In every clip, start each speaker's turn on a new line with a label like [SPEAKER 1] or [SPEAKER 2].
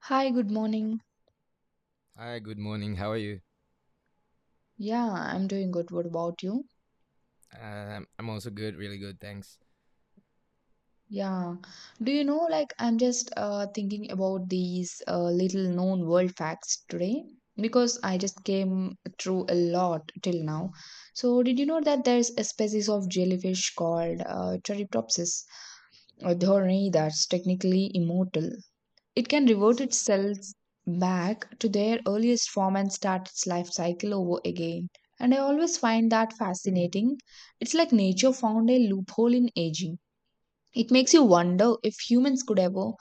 [SPEAKER 1] Hi, good morning.
[SPEAKER 2] Hi, good morning. How are you?
[SPEAKER 1] Yeah, I'm doing good. What about you?
[SPEAKER 2] I'm also good, really good, thanks.
[SPEAKER 1] Yeah. Do you know, like, I'm just thinking about these little known world facts today because I just came through a lot till now. So, did you know that there's a species of jellyfish called Turritopsis, a dhorni that's technically immortal. It can revert its cells back to their earliest form and start its life cycle over again. And I always find that fascinating. It's like nature found a loophole in aging. It makes you wonder if humans could ever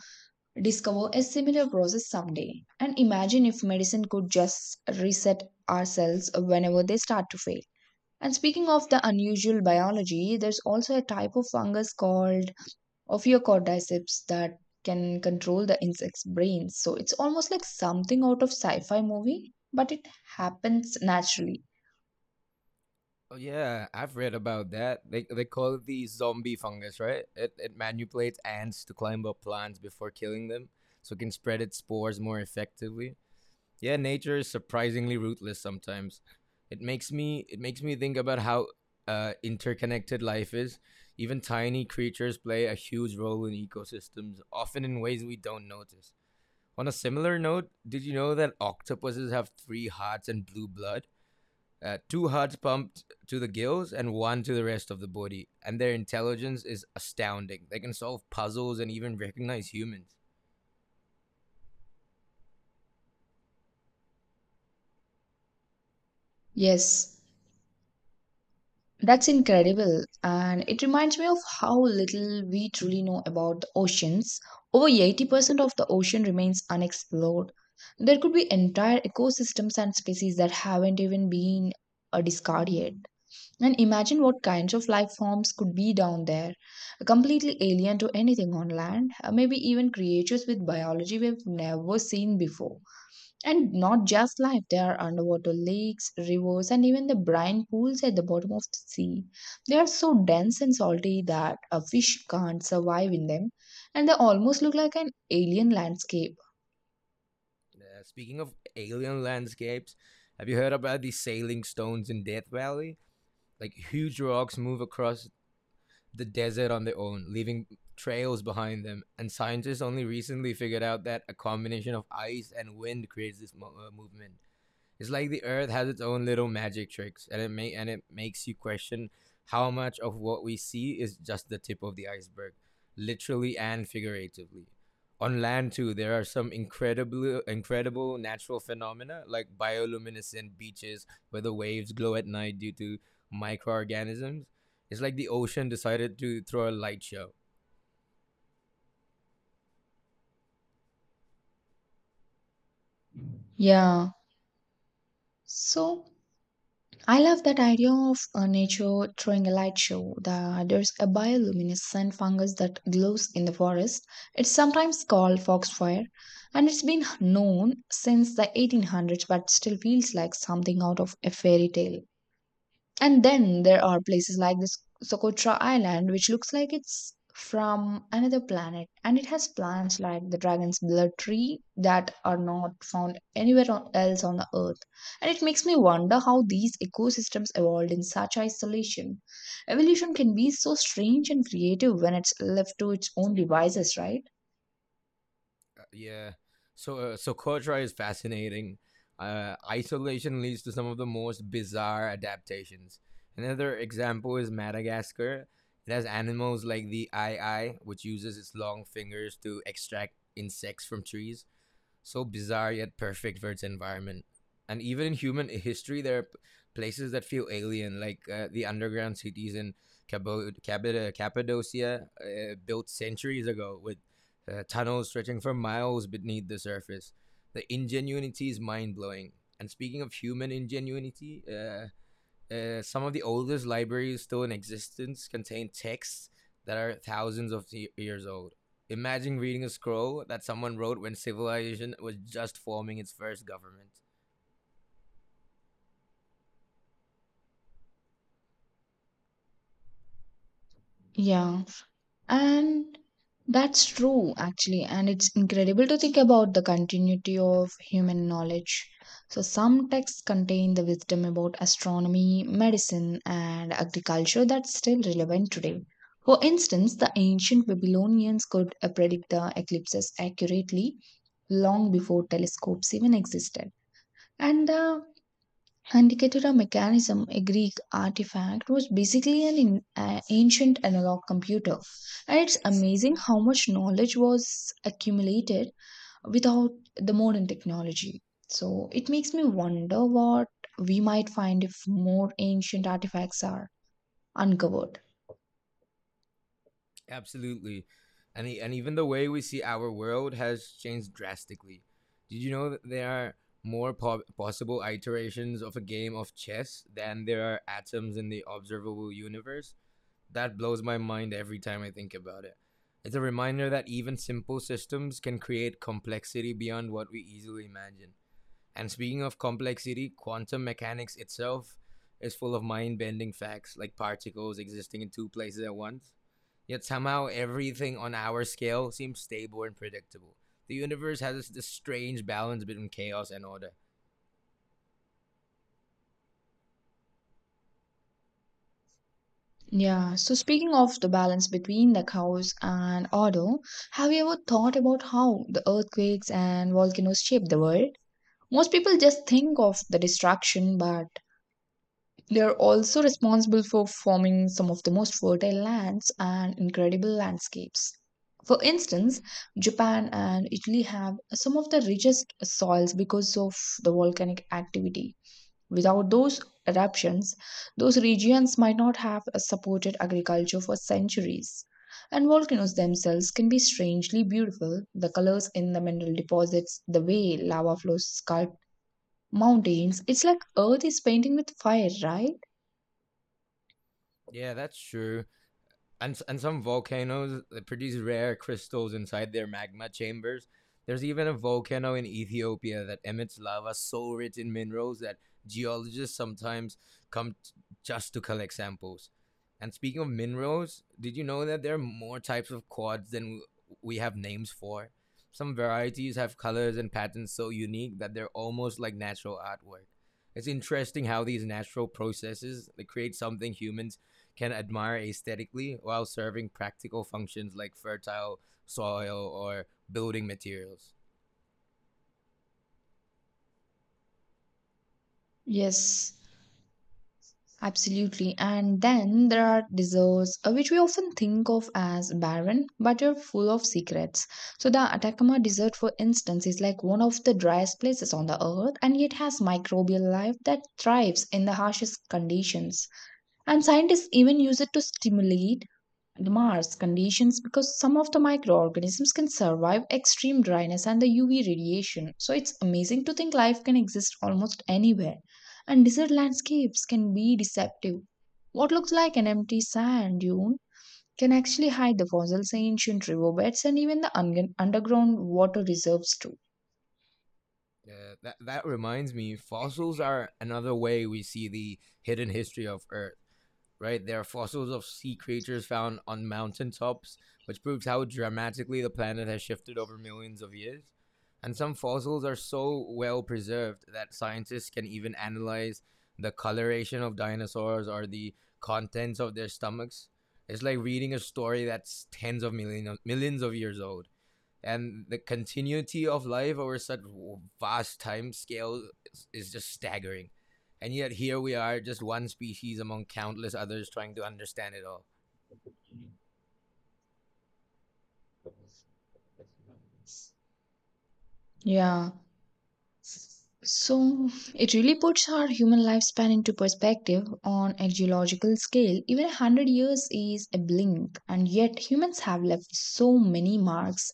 [SPEAKER 1] discover a similar process someday. And imagine if medicine could just reset our cells whenever they start to fail. And speaking of the unusual biology, there's also a type of fungus called of your cordyceps that can control the insect's brains. So it's almost like something out of sci fi movie, but it happens naturally.
[SPEAKER 2] Oh yeah, I've read about that. They call it the zombie fungus, right? It manipulates ants to climb up plants before killing them, so it can spread its spores more effectively. Yeah, nature is surprisingly ruthless sometimes. It makes me think about how interconnected life is. Even tiny creatures play a huge role in ecosystems, often in ways we don't notice. On a similar note, did you know that octopuses have three hearts and blue blood? Two hearts pumped to the gills and one to the rest of the body, and their intelligence is astounding. They can solve puzzles and even recognize humans.
[SPEAKER 1] Yes, that's incredible. And it reminds me of how little we truly know about the oceans. Over 80% of the ocean remains unexplored. There could be entire ecosystems and species that haven't even been discovered yet. And imagine what kinds of life forms could be down there, completely alien to anything on land, maybe even creatures with biology we've never seen before. And not just life, there are underwater lakes, rivers, and even the brine pools at the bottom of the sea. They are so dense and salty that a fish can't survive in them, and they almost look like an alien landscape.
[SPEAKER 2] Speaking of alien landscapes, have you heard about the sailing stones in Death Valley? Like huge rocks move across the desert on their own, leaving trails behind them. And scientists only recently figured out that a combination of ice and wind creates this movement. It's like the Earth has its own little magic tricks, and it may and it makes you question how much of what we see is just the tip of the iceberg, literally and figuratively. On land too, there are some incredible natural phenomena like bioluminescent beaches where the waves glow at night due to microorganisms. It's like the ocean decided to throw a light show.
[SPEAKER 1] Yeah, so. I love that idea of nature throwing a light show. There's a bioluminescent fungus that glows in the forest. It's sometimes called foxfire, and it's been known since the 1800s, but still feels like something out of a fairy tale. And then there are places like this Socotra Island, which looks like it's from another planet, and it has plants like the dragon's blood tree that are not found else on the earth. And it makes me wonder how these ecosystems evolved in such isolation. Evolution can be so strange and creative when it's left to its own devices, right?
[SPEAKER 2] Yeah. So Kotra is fascinating. Isolation leads to some of the most bizarre adaptations. Another example is Madagascar. It has animals like the ai, which uses its long fingers to extract insects from trees, so bizarre yet perfect for its environment. And even in human history, places that feel alien, like the underground cities in Cappadocia, built centuries ago with tunnels stretching for miles beneath the surface. The ingenuity is mind blowing. And speaking of human ingenuity, some of the oldest libraries still in existence contain texts that are thousands of years old. Imagine reading a scroll that someone wrote when civilization was just forming its first government.
[SPEAKER 1] Yeah. And that's true, actually. And it's incredible to think about the continuity of human knowledge. So, some texts contain the wisdom about astronomy, medicine, and agriculture that's still relevant today. For instance, the ancient Babylonians could predict the eclipses accurately long before telescopes even existed. And the Indicator mechanism, a Greek artifact, was basically an ancient analog computer. And it's amazing how much knowledge was accumulated without the modern technology. So it makes me wonder what we might find if more ancient artifacts are uncovered.
[SPEAKER 2] Absolutely. And even the way we see our world has changed drastically. Did you know that there are more possible iterations of a game of chess than there are atoms in the observable universe? That blows my mind every time I think about it. It's a reminder that even simple systems can create complexity beyond what we easily imagine. And speaking of complexity, quantum mechanics itself is full of mind bending facts like particles existing in two places at once. Yet somehow everything on our scale seems stable and predictable. The universe has this strange balance between chaos and order.
[SPEAKER 1] Yeah, so speaking of the balance between the chaos and order, have you ever thought about how the earthquakes and volcanoes shape the world? Most people just think of the destruction, but they're also responsible for forming some of the most fertile lands and incredible landscapes. For instance, Japan and Italy have some of the richest soils because of the volcanic activity. Without those adaptations, those regions might not have supported agriculture for centuries. And volcanoes themselves can be strangely beautiful. The colors in the mineral deposits, the way lava flows sculpt mountains, it's like earth is painting with fire, right?
[SPEAKER 2] Yeah, that's true. And some volcanoes that produce rare crystals inside their magma chambers. There's even a volcano in Ethiopia that emits lava so rich in minerals that geologists sometimes come t- just to collect samples. And speaking of minerals, did you know that there are more types of quartz than we have names for? Some varieties have colors and patterns so unique that they're almost like natural artwork. It's interesting how these natural processes that create something humans can admire aesthetically while serving practical functions like fertile soil or building materials.
[SPEAKER 1] Yes, absolutely. And then there are desserts, which we often think of as barren, but are full of secrets. So, the Atacama Desert, for instance, is like one of the driest places on the earth, and yet has microbial life that thrives in the harshest conditions. And scientists even use it to stimulate the Mars conditions because some of the microorganisms can survive extreme dryness and the UV radiation. So it's amazing to think life can exist almost anywhere. And desert landscapes can be deceptive. What looks like an empty sand dune can actually hide the fossils, ancient riverbeds, and even the underground water reserves, too.
[SPEAKER 2] That reminds me, fossils are another way we see the hidden history of Earth, right? There are fossils of sea creatures found on mountaintops, which proves how dramatically the planet has shifted over millions of years. And some fossils are so well preserved that scientists can even analyze the coloration of dinosaurs or the contents of their stomachs. It's like reading a story that's tens of millions of years old, and the continuity of life over such vast time scale is just staggering, and yet here we are, just one species among countless others trying to understand it all.
[SPEAKER 1] Yeah. So it really puts our human lifespan into perspective on a geological scale. Even a hundred years is a blink, and yet humans have left so many marks,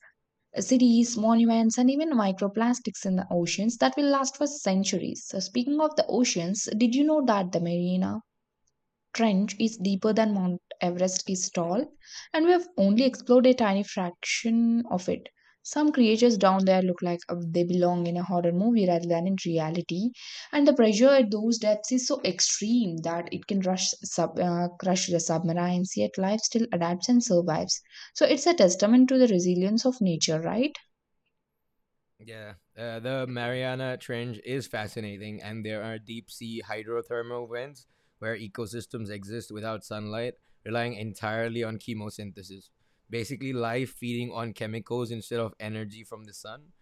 [SPEAKER 1] cities, monuments, and even microplastics in the oceans that will last for centuries. So speaking of the oceans, did you know that the marina trench is deeper than Mount Everest is tall, and we have only explored a tiny fraction of it. Some creatures down there look like they belong in a horror movie rather than in reality, and the pressure at those depths is so extreme that it can crush the submarines, yet life still adapts and survives. So it's a testament to the resilience of nature, right?
[SPEAKER 2] Yeah, the mariana trench is fascinating, and there are deep sea hydrothermal vents where ecosystems exist without sunlight, relying entirely on chemosynthesis, basically life feeding on chemicals instead of energy from the sun.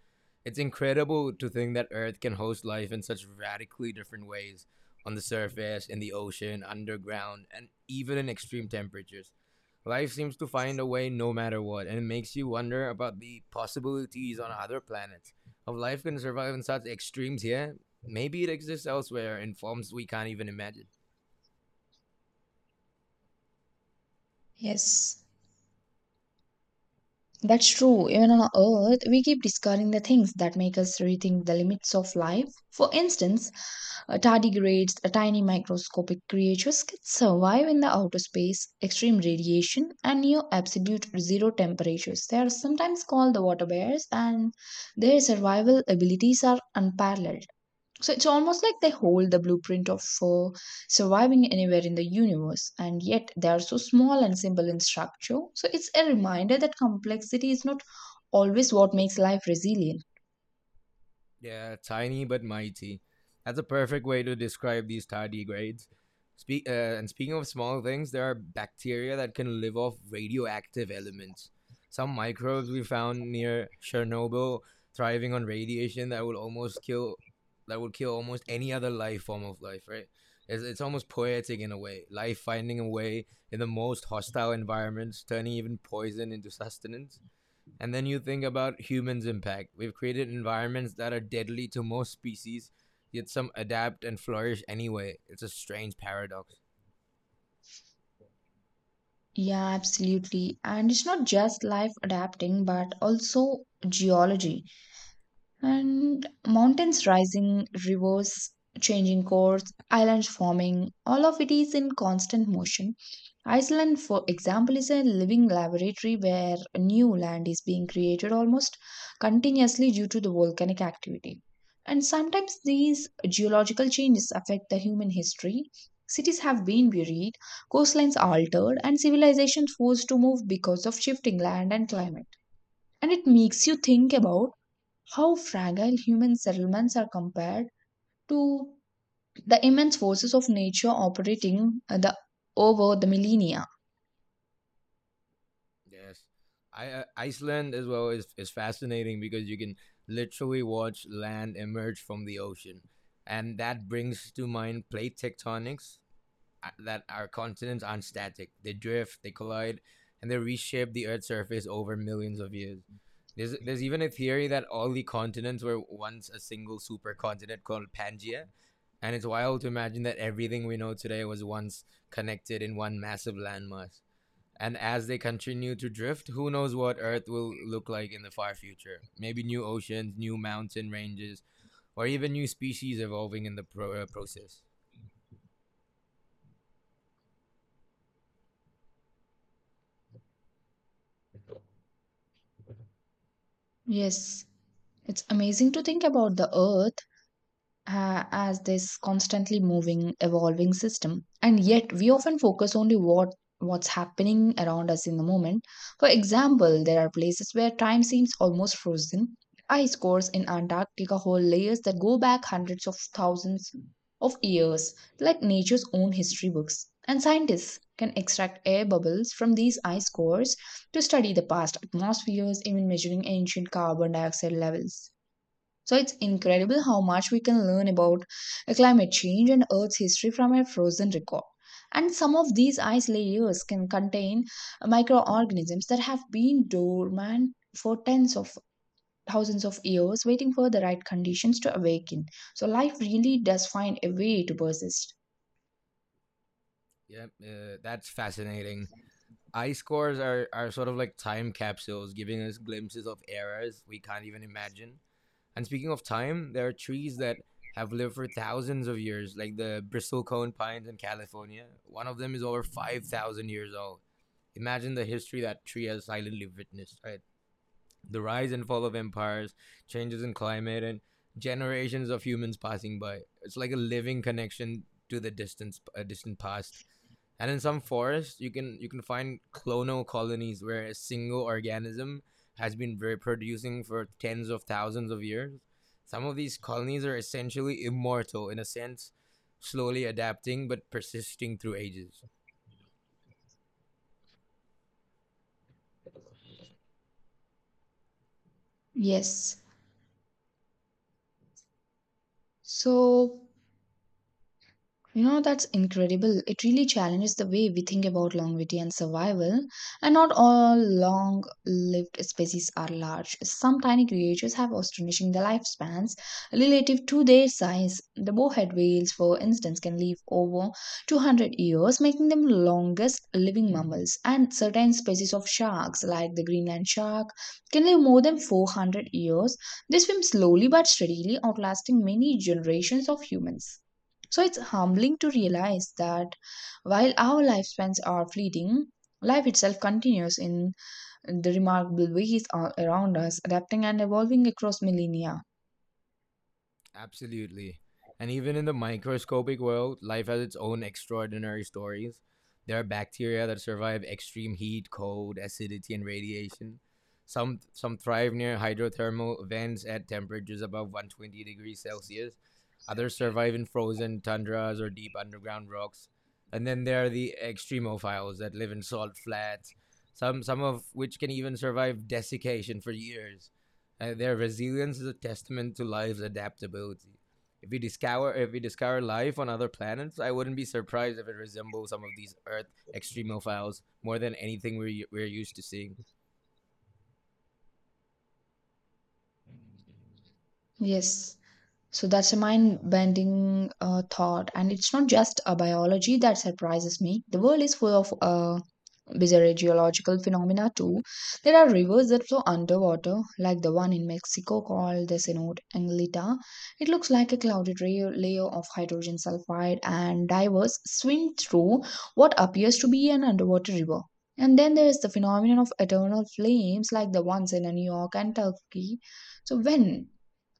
[SPEAKER 2] It's incredible to think that Earth can host life in such radically different ways: on the surface, in the ocean, underground, and even in extreme temperatures. Life seems to find a way no matter what, and it makes you wonder about the possibilities on other planets. If life can survive in such extremes here, maybe it exists elsewhere in forms we can't even imagine.
[SPEAKER 1] Yes. That's true. Even on Earth, we keep discovering the things that make us rethink the limits of life. For instance, tardigrades, tiny microscopic creatures, can survive in the outer space, extreme radiation, and near absolute zero temperatures. They are sometimes called the water bears, and their survival abilities are unparalleled. So it's almost like they hold the blueprint of surviving anywhere in the universe, and yet they are so small and simple in structure. So it's a reminder that complexity is not always what makes life resilient.
[SPEAKER 2] Yeah, tiny but mighty. That's a perfect way to describe these tardigrades. And speaking of small things, there are bacteria that can live off radioactive elements. Some microbes we found near Chernobyl thriving on radiation that will almost kill that would kill almost any other life form of life, right? It's almost poetic in a way. Life finding a way in the most hostile environments, turning even poison into sustenance. And then you think about humans' impact. We've created environments that are deadly to most species, yet some adapt and flourish anyway. It's a strange paradox.
[SPEAKER 1] Yeah, absolutely. And it's not just life adapting, but also geology and mountains rising, rivers changing course, islands forming, all of it is in constant motion. Iceland, for example, is a living laboratory where new land is being created almost continuously due to the volcanic activity. And sometimes these geological changes affect the human history. Cities have been buried, coastlines altered, and civilizations forced to move because of shifting land and climate. And it makes you think about how fragile human settlements are compared to the immense forces of nature operating over the millennia.
[SPEAKER 2] Yes. Iceland as well is fascinating because you can literally watch land emerge from the ocean. And that brings to mind plate tectonics, that our continents aren't static. They drift, they collide, and they reshape the Earth's surface over millions of years. There's even a theory that all the continents were once a single supercontinent called Pangaea, and it's wild to imagine that everything we know today was once connected in one massive landmass. And as they continue to drift, who knows what Earth will look like in the far future? Maybe new oceans, new mountain ranges, or even new species evolving in the process.
[SPEAKER 1] Yes, it's amazing to think about the earth as this constantly moving evolving system, and yet we often focus only what's happening around us in the moment. For example, there are places where time seems almost frozen. Ice cores in Antarctica hold layers that go back hundreds of thousands of years, like nature's own history books, and scientists can extract air bubbles from these ice cores to study the past atmospheres, even measuring ancient carbon dioxide levels. So it's incredible how much we can learn about climate change and Earth's history from a frozen record. And some of these ice layers can contain microorganisms that have been dormant for tens of thousands of years, waiting for the right conditions to awaken. So life really does find a way to persist.
[SPEAKER 2] Yep, that's fascinating. Ice cores are sort of like time capsules, giving us glimpses of eras we can't even imagine. And speaking of time, there are trees that have lived for thousands of years, like the bristlecone pines in California. One of them is over 5,000 years old. Imagine the history that tree has silently witnessed, right? The rise and fall of empires, changes in climate, and generations of humans passing by. It's like a living connection to the distant past. And in some forests, you can find clonal colonies where a single organism has been reproducing for tens of thousands of years. Some of these colonies are essentially immortal in a sense, slowly adapting but persisting through ages.
[SPEAKER 1] Yes. So, you know, that's incredible. It really challenges the way we think about longevity and survival. And not all long lived species are large. Some tiny creatures have astonishing lifespans relative to their size. The bowhead whales, for instance, can live over 200 years, making them longest living mammals. And certain species of sharks, like the Greenland shark, can live more than 400 years. They swim slowly but steadily, outlasting many generations of humans. So it's humbling to realize that while our lifespans are fleeting, life itself continues in the remarkable ways around us, adapting and evolving across millennia.
[SPEAKER 2] Absolutely. And even in the microscopic world, life has its own extraordinary stories. There are bacteria that survive extreme heat, cold, acidity, and radiation. Some thrive near hydrothermal vents at temperatures above 120 degrees Celsius. Others survive in frozen tundras or deep underground rocks. And then there are the extremophiles that live in salt flats, some of which can even survive desiccation for years, and their resilience is a testament to life's adaptability. If we discover life on other planets, I wouldn't be surprised if it resembles some of these Earth extremophiles more than anything we're used to seeing.
[SPEAKER 1] Yes. So that's a mind bending thought. And it's not just a biology that surprises me. The world is full of bizarre geological phenomena too. There are rivers that flow underwater, like the one in Mexico called the Cenote Anglita. It looks like a layer of hydrogen sulfide, and divers swim through what appears to be an underwater river. And then there's the phenomenon of eternal flames, like the ones in New York and Turkey. So when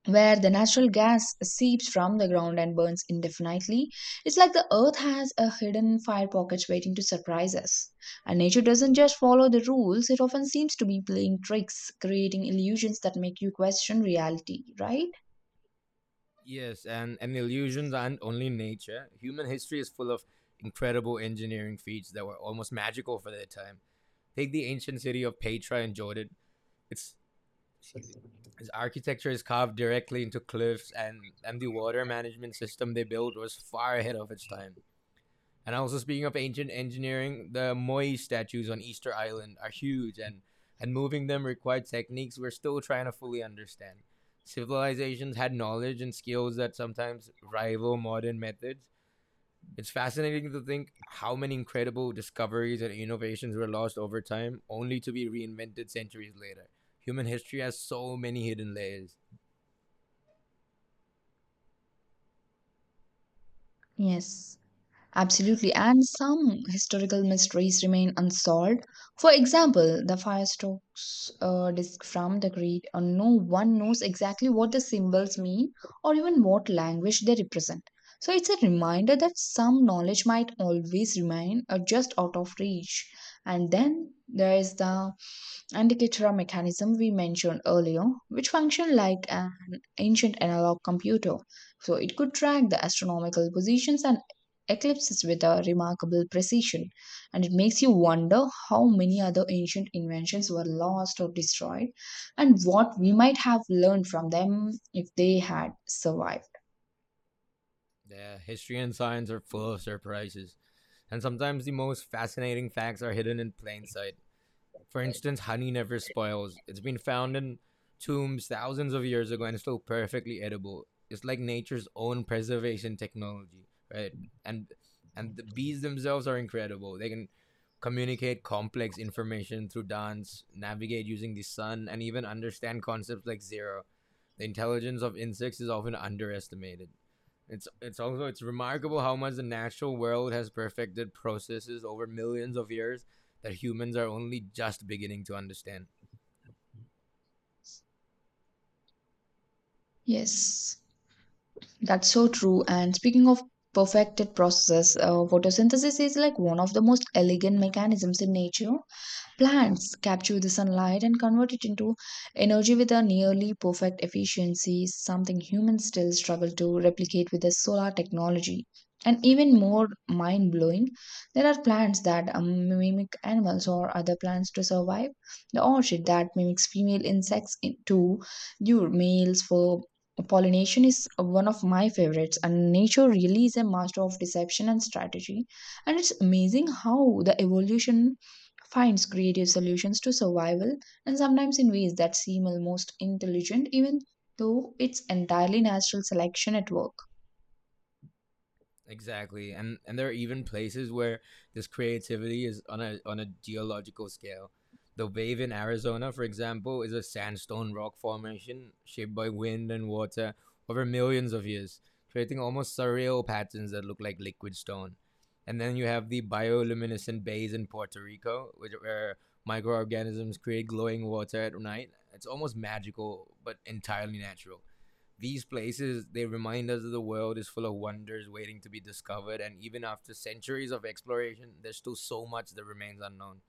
[SPEAKER 1] where the natural gas seeps from the ground and burns indefinitely. It's like the earth has a hidden fire pockets waiting to surprise us. And nature doesn't just follow the rules, it often seems to be playing tricks, creating illusions that make you question reality, right?
[SPEAKER 2] Yes, and illusions aren't only nature. Human history is full of incredible engineering feats that were almost magical for their time. Take the ancient city of Petra in Jordan. It's excuse me, his architecture is carved directly into cliffs, and the water management system they built was far ahead of its time. And also, speaking of ancient engineering, the Moi statues on Easter Island are huge, and moving them required techniques we're still trying to fully understand. Civilizations had knowledge and skills that sometimes rival modern methods. It's fascinating to think how many incredible discoveries and innovations were lost over time, only to be reinvented centuries later. Human history has so many hidden layers.
[SPEAKER 1] Yes. Absolutely, and some historical mysteries remain unsolved. For example, the firestoke's disc from the Greek, no one knows exactly what the symbols mean or even what language they represent. So it's a reminder that some knowledge might always remain just out of reach. And then there is the and the Ketura mechanism we mentioned earlier, which functioned like an ancient analog computer. So it could track the astronomical positions and eclipses with a remarkable precision. And it makes you wonder how many other ancient inventions were lost or destroyed and what we might have learned from them if they had survived.
[SPEAKER 2] Yeah, history and science are full of surprises, and sometimes the most fascinating facts are hidden in plain sight. For instance, honey never spoils. It's been found in tombs thousands of years ago and it's still perfectly edible. It's like nature's own preservation technology, right? And and the bees themselves are incredible. They can communicate complex information through dance, navigate using the sun, and even understand concepts like zero. The intelligence of insects is often underestimated. It's remarkable how much the natural world has perfected processes over millions of years that humans are only just beginning to understand.
[SPEAKER 1] Yes, that's so true. And speaking of perfected processes, photosynthesis is like one of the most elegant mechanisms in nature. Plants capture the sunlight and convert it into energy with a nearly perfect efficiency, something humans still struggle to replicate with the solar technology. And even more mind blowing, there are plants that mimic animals or other plants to survive. The orchid that mimics female insects to lure males for pollination is one of my favorites, and nature really is a master of deception and strategy. And it's amazing how the evolution finds creative solutions to survival and sometimes in ways that seem almost intelligent, even though it's entirely natural selection at work.
[SPEAKER 2] Exactly, and there are even places where this creativity is on a geological scale. The wave in Arizona, for example, is a sandstone rock formation shaped by wind and water over millions of years, creating almost surreal patterns that look like liquid stone. And then you have the bioluminescent bays in Puerto Rico, where microorganisms create glowing water at night. It's almost magical, but entirely natural. These places, they remind us that the world is full of wonders waiting to be discovered, and even after centuries of exploration there's still so much that remains unknown.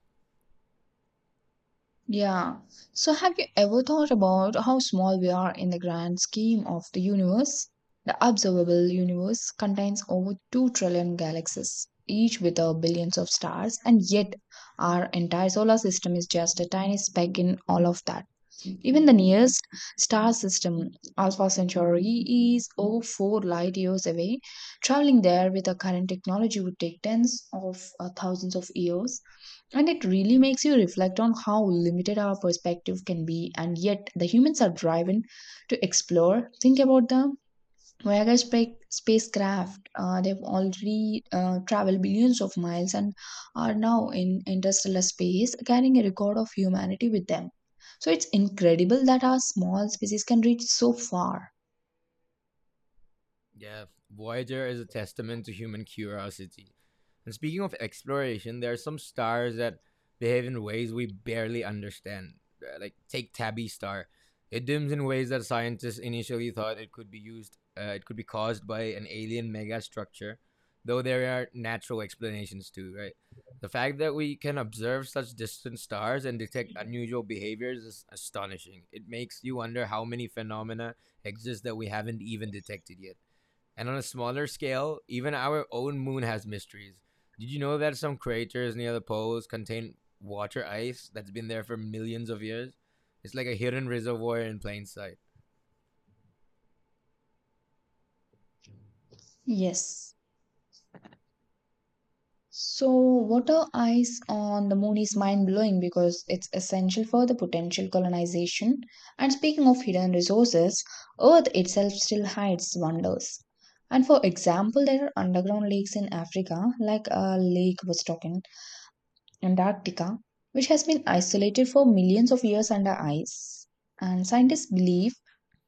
[SPEAKER 1] Yeah. So, have you ever thought about how small we are in the grand scheme of the universe? The observable universe contains over 2 trillion galaxies, each with a billions of stars, and yet our entire solar system is just a tiny speck in all of that. Even the nearest star system, Alpha Centauri, is over 4 light years away. Traveling there with the current technology would take tens of thousands of years. And it really makes you reflect on how limited our perspective can be, and yet the humans are driven to explore. Think about the spacecraft. They've already traveled billions of miles and are now in interstellar space, carrying a record of humanity with them. So it's incredible that our small species can reach so far.
[SPEAKER 2] Yeah, Voyager is a testament to human curiosity. And speaking of exploration, there are some stars that behave in ways we barely understand. Like take Tabby star, it dims in ways that scientists initially thought it could be used. It could be caused by an alien megastructure, though there are natural explanations too, right? The fact that we can observe such distant stars and detect unusual behaviors is astonishing. It makes you wonder how many phenomena exist that we haven't even detected yet. And on a smaller scale, even our own moon has mysteries. Did you know that some craters near the poles contain water ice that's been there for millions of years? It's like a hidden reservoir in plain sight.
[SPEAKER 1] Yes. So, water ice on the moon is mind blowing because it's essential for the potential colonization. And speaking of hidden resources, Earth itself still hides wonders. And for example, there are underground lakes in Africa, like a lake was talking, Antarctica, which has been isolated for millions of years under ice. And scientists believe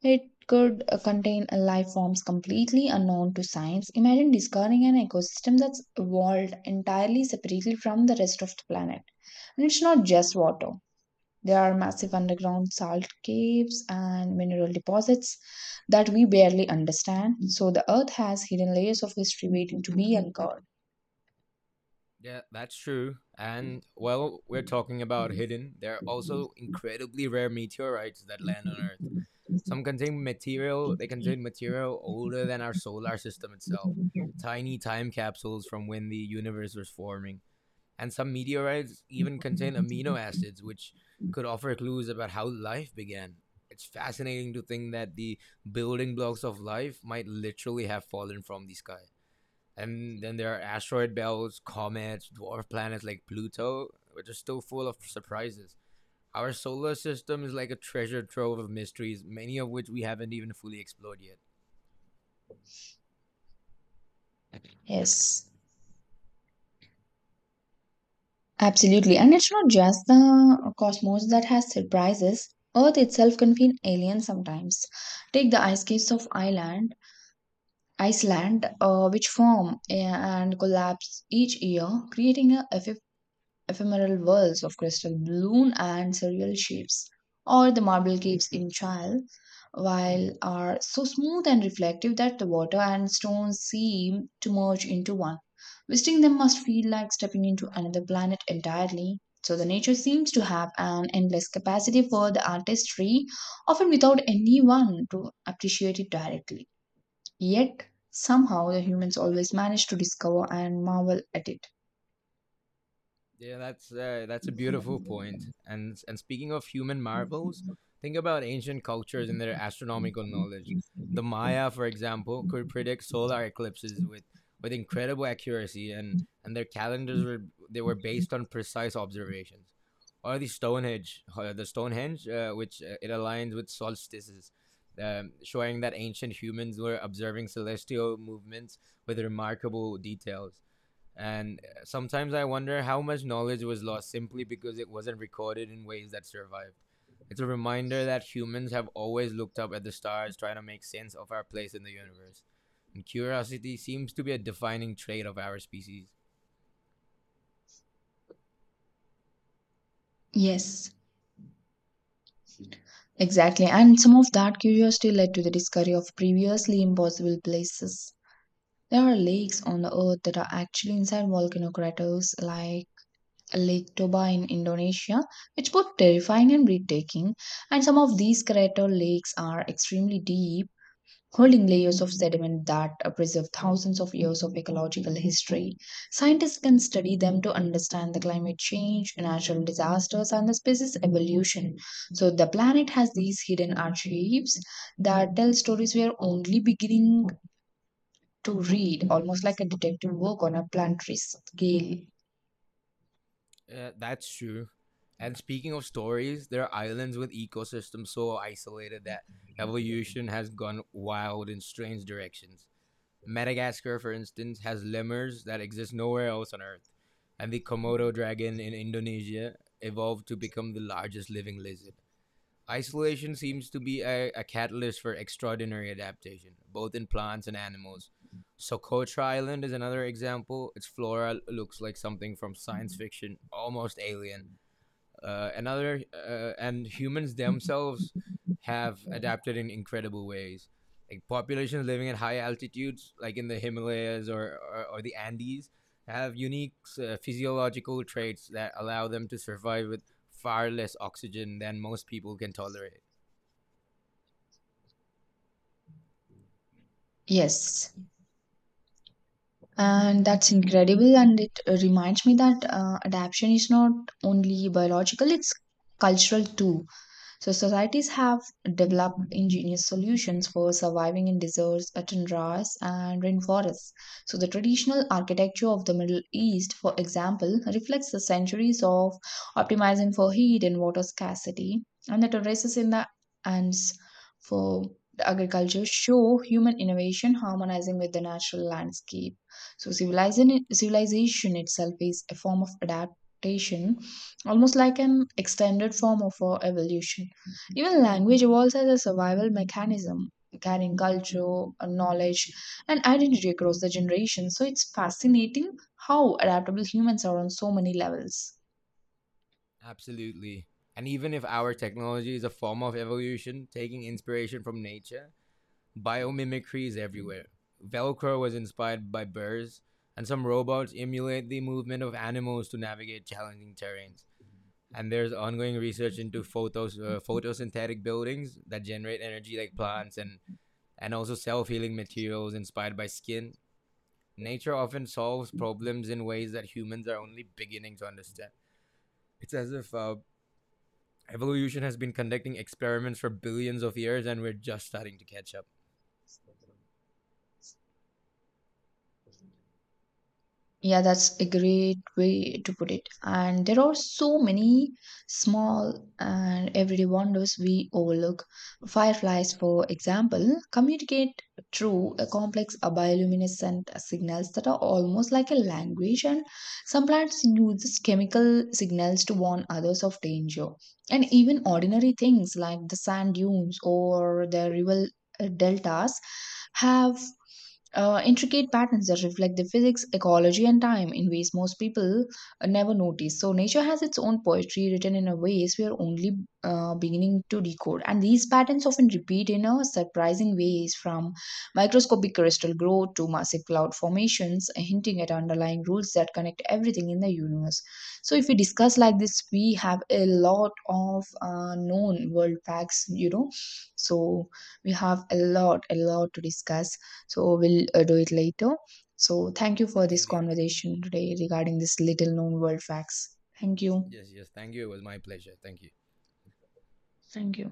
[SPEAKER 1] it could contain life forms completely unknown to science. Imagine discovering an ecosystem that's evolved entirely separately from the rest of the planet. And it's not just water, there are massive underground salt caves and mineral deposits that we barely understand. So, the Earth has hidden layers of history waiting to be uncovered.
[SPEAKER 2] Yeah, that's true. And while we're talking about hidden, there are also incredibly rare meteorites that land on Earth. They contain material older than our solar system itself. Tiny time capsules from when the universe was forming. And some meteorites even contain amino acids, which could offer clues about how life began. It's fascinating to think that the building blocks of life might literally have fallen from the sky. And then there are asteroid belts, comets, dwarf planets like Pluto, which are still full of surprises. Our solar system is like a treasure trove of mysteries, many of which we haven't even fully explored yet.
[SPEAKER 1] Yes. Absolutely. And it's not just the cosmos that has surprises. Earth itself can feel alien sometimes. Take the ice caves of Iceland, which form and collapse each year, creating a ephemeral whirls of crystal balloon and surreal shapes, or the marble caves in Chile, while are so smooth and reflective that the water and stones seem to merge into one. Visiting them must feel like stepping into another planet entirely. So the nature seems to have an endless capacity for the artistry, often without anyone to appreciate it directly. Yet somehow the humans always manage to discover and marvel at it.
[SPEAKER 2] Yeah, that's a beautiful point. And speaking of human marvels, think about ancient cultures and their astronomical knowledge. The Maya, for example, could predict solar eclipses with incredible accuracy, and their calendars were they were based on precise observations. Or the Stonehenge, which it aligns with solstices, showing that ancient humans were observing celestial movements with remarkable details. And sometimes I wonder how much knowledge was lost simply because it wasn't recorded in ways that survived. It's a reminder that humans have always looked up at the stars, trying to make sense of our place in the universe. And curiosity seems to be a defining trait of our species.
[SPEAKER 1] Yes, exactly, and some of that curiosity led to the discovery of previously impossible places. There are lakes on the earth that are actually inside volcano craters, like Lake Toba in Indonesia, which both terrifying and breathtaking. And some of these crater lakes are extremely deep, holding layers of sediment that preserve thousands of years of ecological history. Scientists can study them to understand the climate change, natural disasters, and the species evolution. So the planet has these hidden archives that tell stories we are only beginning to read, almost like a detective work on a planetary scale.
[SPEAKER 2] That's true. And speaking of stories, there are islands with ecosystems so isolated that evolution has gone wild in strange directions. Madagascar, for instance, has lemurs that exist nowhere else on Earth, and the Komodo dragon in Indonesia evolved to become the largest living lizard. Isolation seems to be a catalyst for extraordinary adaptation, both in plants and animals. Socotra Island is another example. Its flora looks like something from science fiction, almost alien. Uh, another uh, and humans themselves have adapted in incredible ways, like populations living at high altitudes, like in the Himalayas or the Andes, have unique physiological traits that allow them to survive with far less oxygen than most people can tolerate.
[SPEAKER 1] Yes, and that's incredible, and it reminds me that adaptation is not only biological, it's cultural too. So societies have developed ingenious solutions for surviving in deserts, tundras, and rainforests. So the traditional architecture of the Middle East, for example, reflects the centuries of optimizing for heat and water scarcity, and the terraces in the Andes for the agriculture show human innovation harmonizing with the natural landscape. So civilization itself is a form of adaptation, almost like an extended form of our evolution. Even language evolves as a survival mechanism, carrying culture, knowledge, and identity across the generations. So it's fascinating how adaptable humans are on so many levels.
[SPEAKER 2] Absolutely. And even if our technology is a form of evolution taking inspiration from nature, biomimicry is everywhere. Velcro was inspired by birds, and some robots emulate the movement of animals to navigate challenging terrains. And there's ongoing research into photosynthetic buildings that generate energy like plants, and also self healing materials inspired by skin. Nature often solves problems in ways that humans are only beginning to understand. It's as if evolution has been conducting experiments for billions of years and we're just starting to catch up.
[SPEAKER 1] Yeah, that's a great way to put it. And there are so many small and everyday wonders we overlook. Fireflies, for example, communicate through a complex bioluminescent signals that are almost like a language, and some plants use these chemical signals to warn others of danger. And even ordinary things like the sand dunes or the river deltas have intricate patterns that reflect the physics, ecology, and time in ways most people never notice. So, nature has its own poetry written in a ways we are only beginning to decode. And these patterns often repeat in a surprising ways from microscopic crystal growth to massive cloud formations, hinting at underlying rules that connect everything in the universe. So, if we discuss like this, we have a lot of known world facts, you know. So, we have a a lot to discuss. So we'll do it later. So thank you for this
[SPEAKER 2] Indeed.
[SPEAKER 1] conversation today regarding this little known world facts. Thank you.
[SPEAKER 2] Yes, yes. Thank you. It was my pleasure. Thank you.
[SPEAKER 1] Thank you.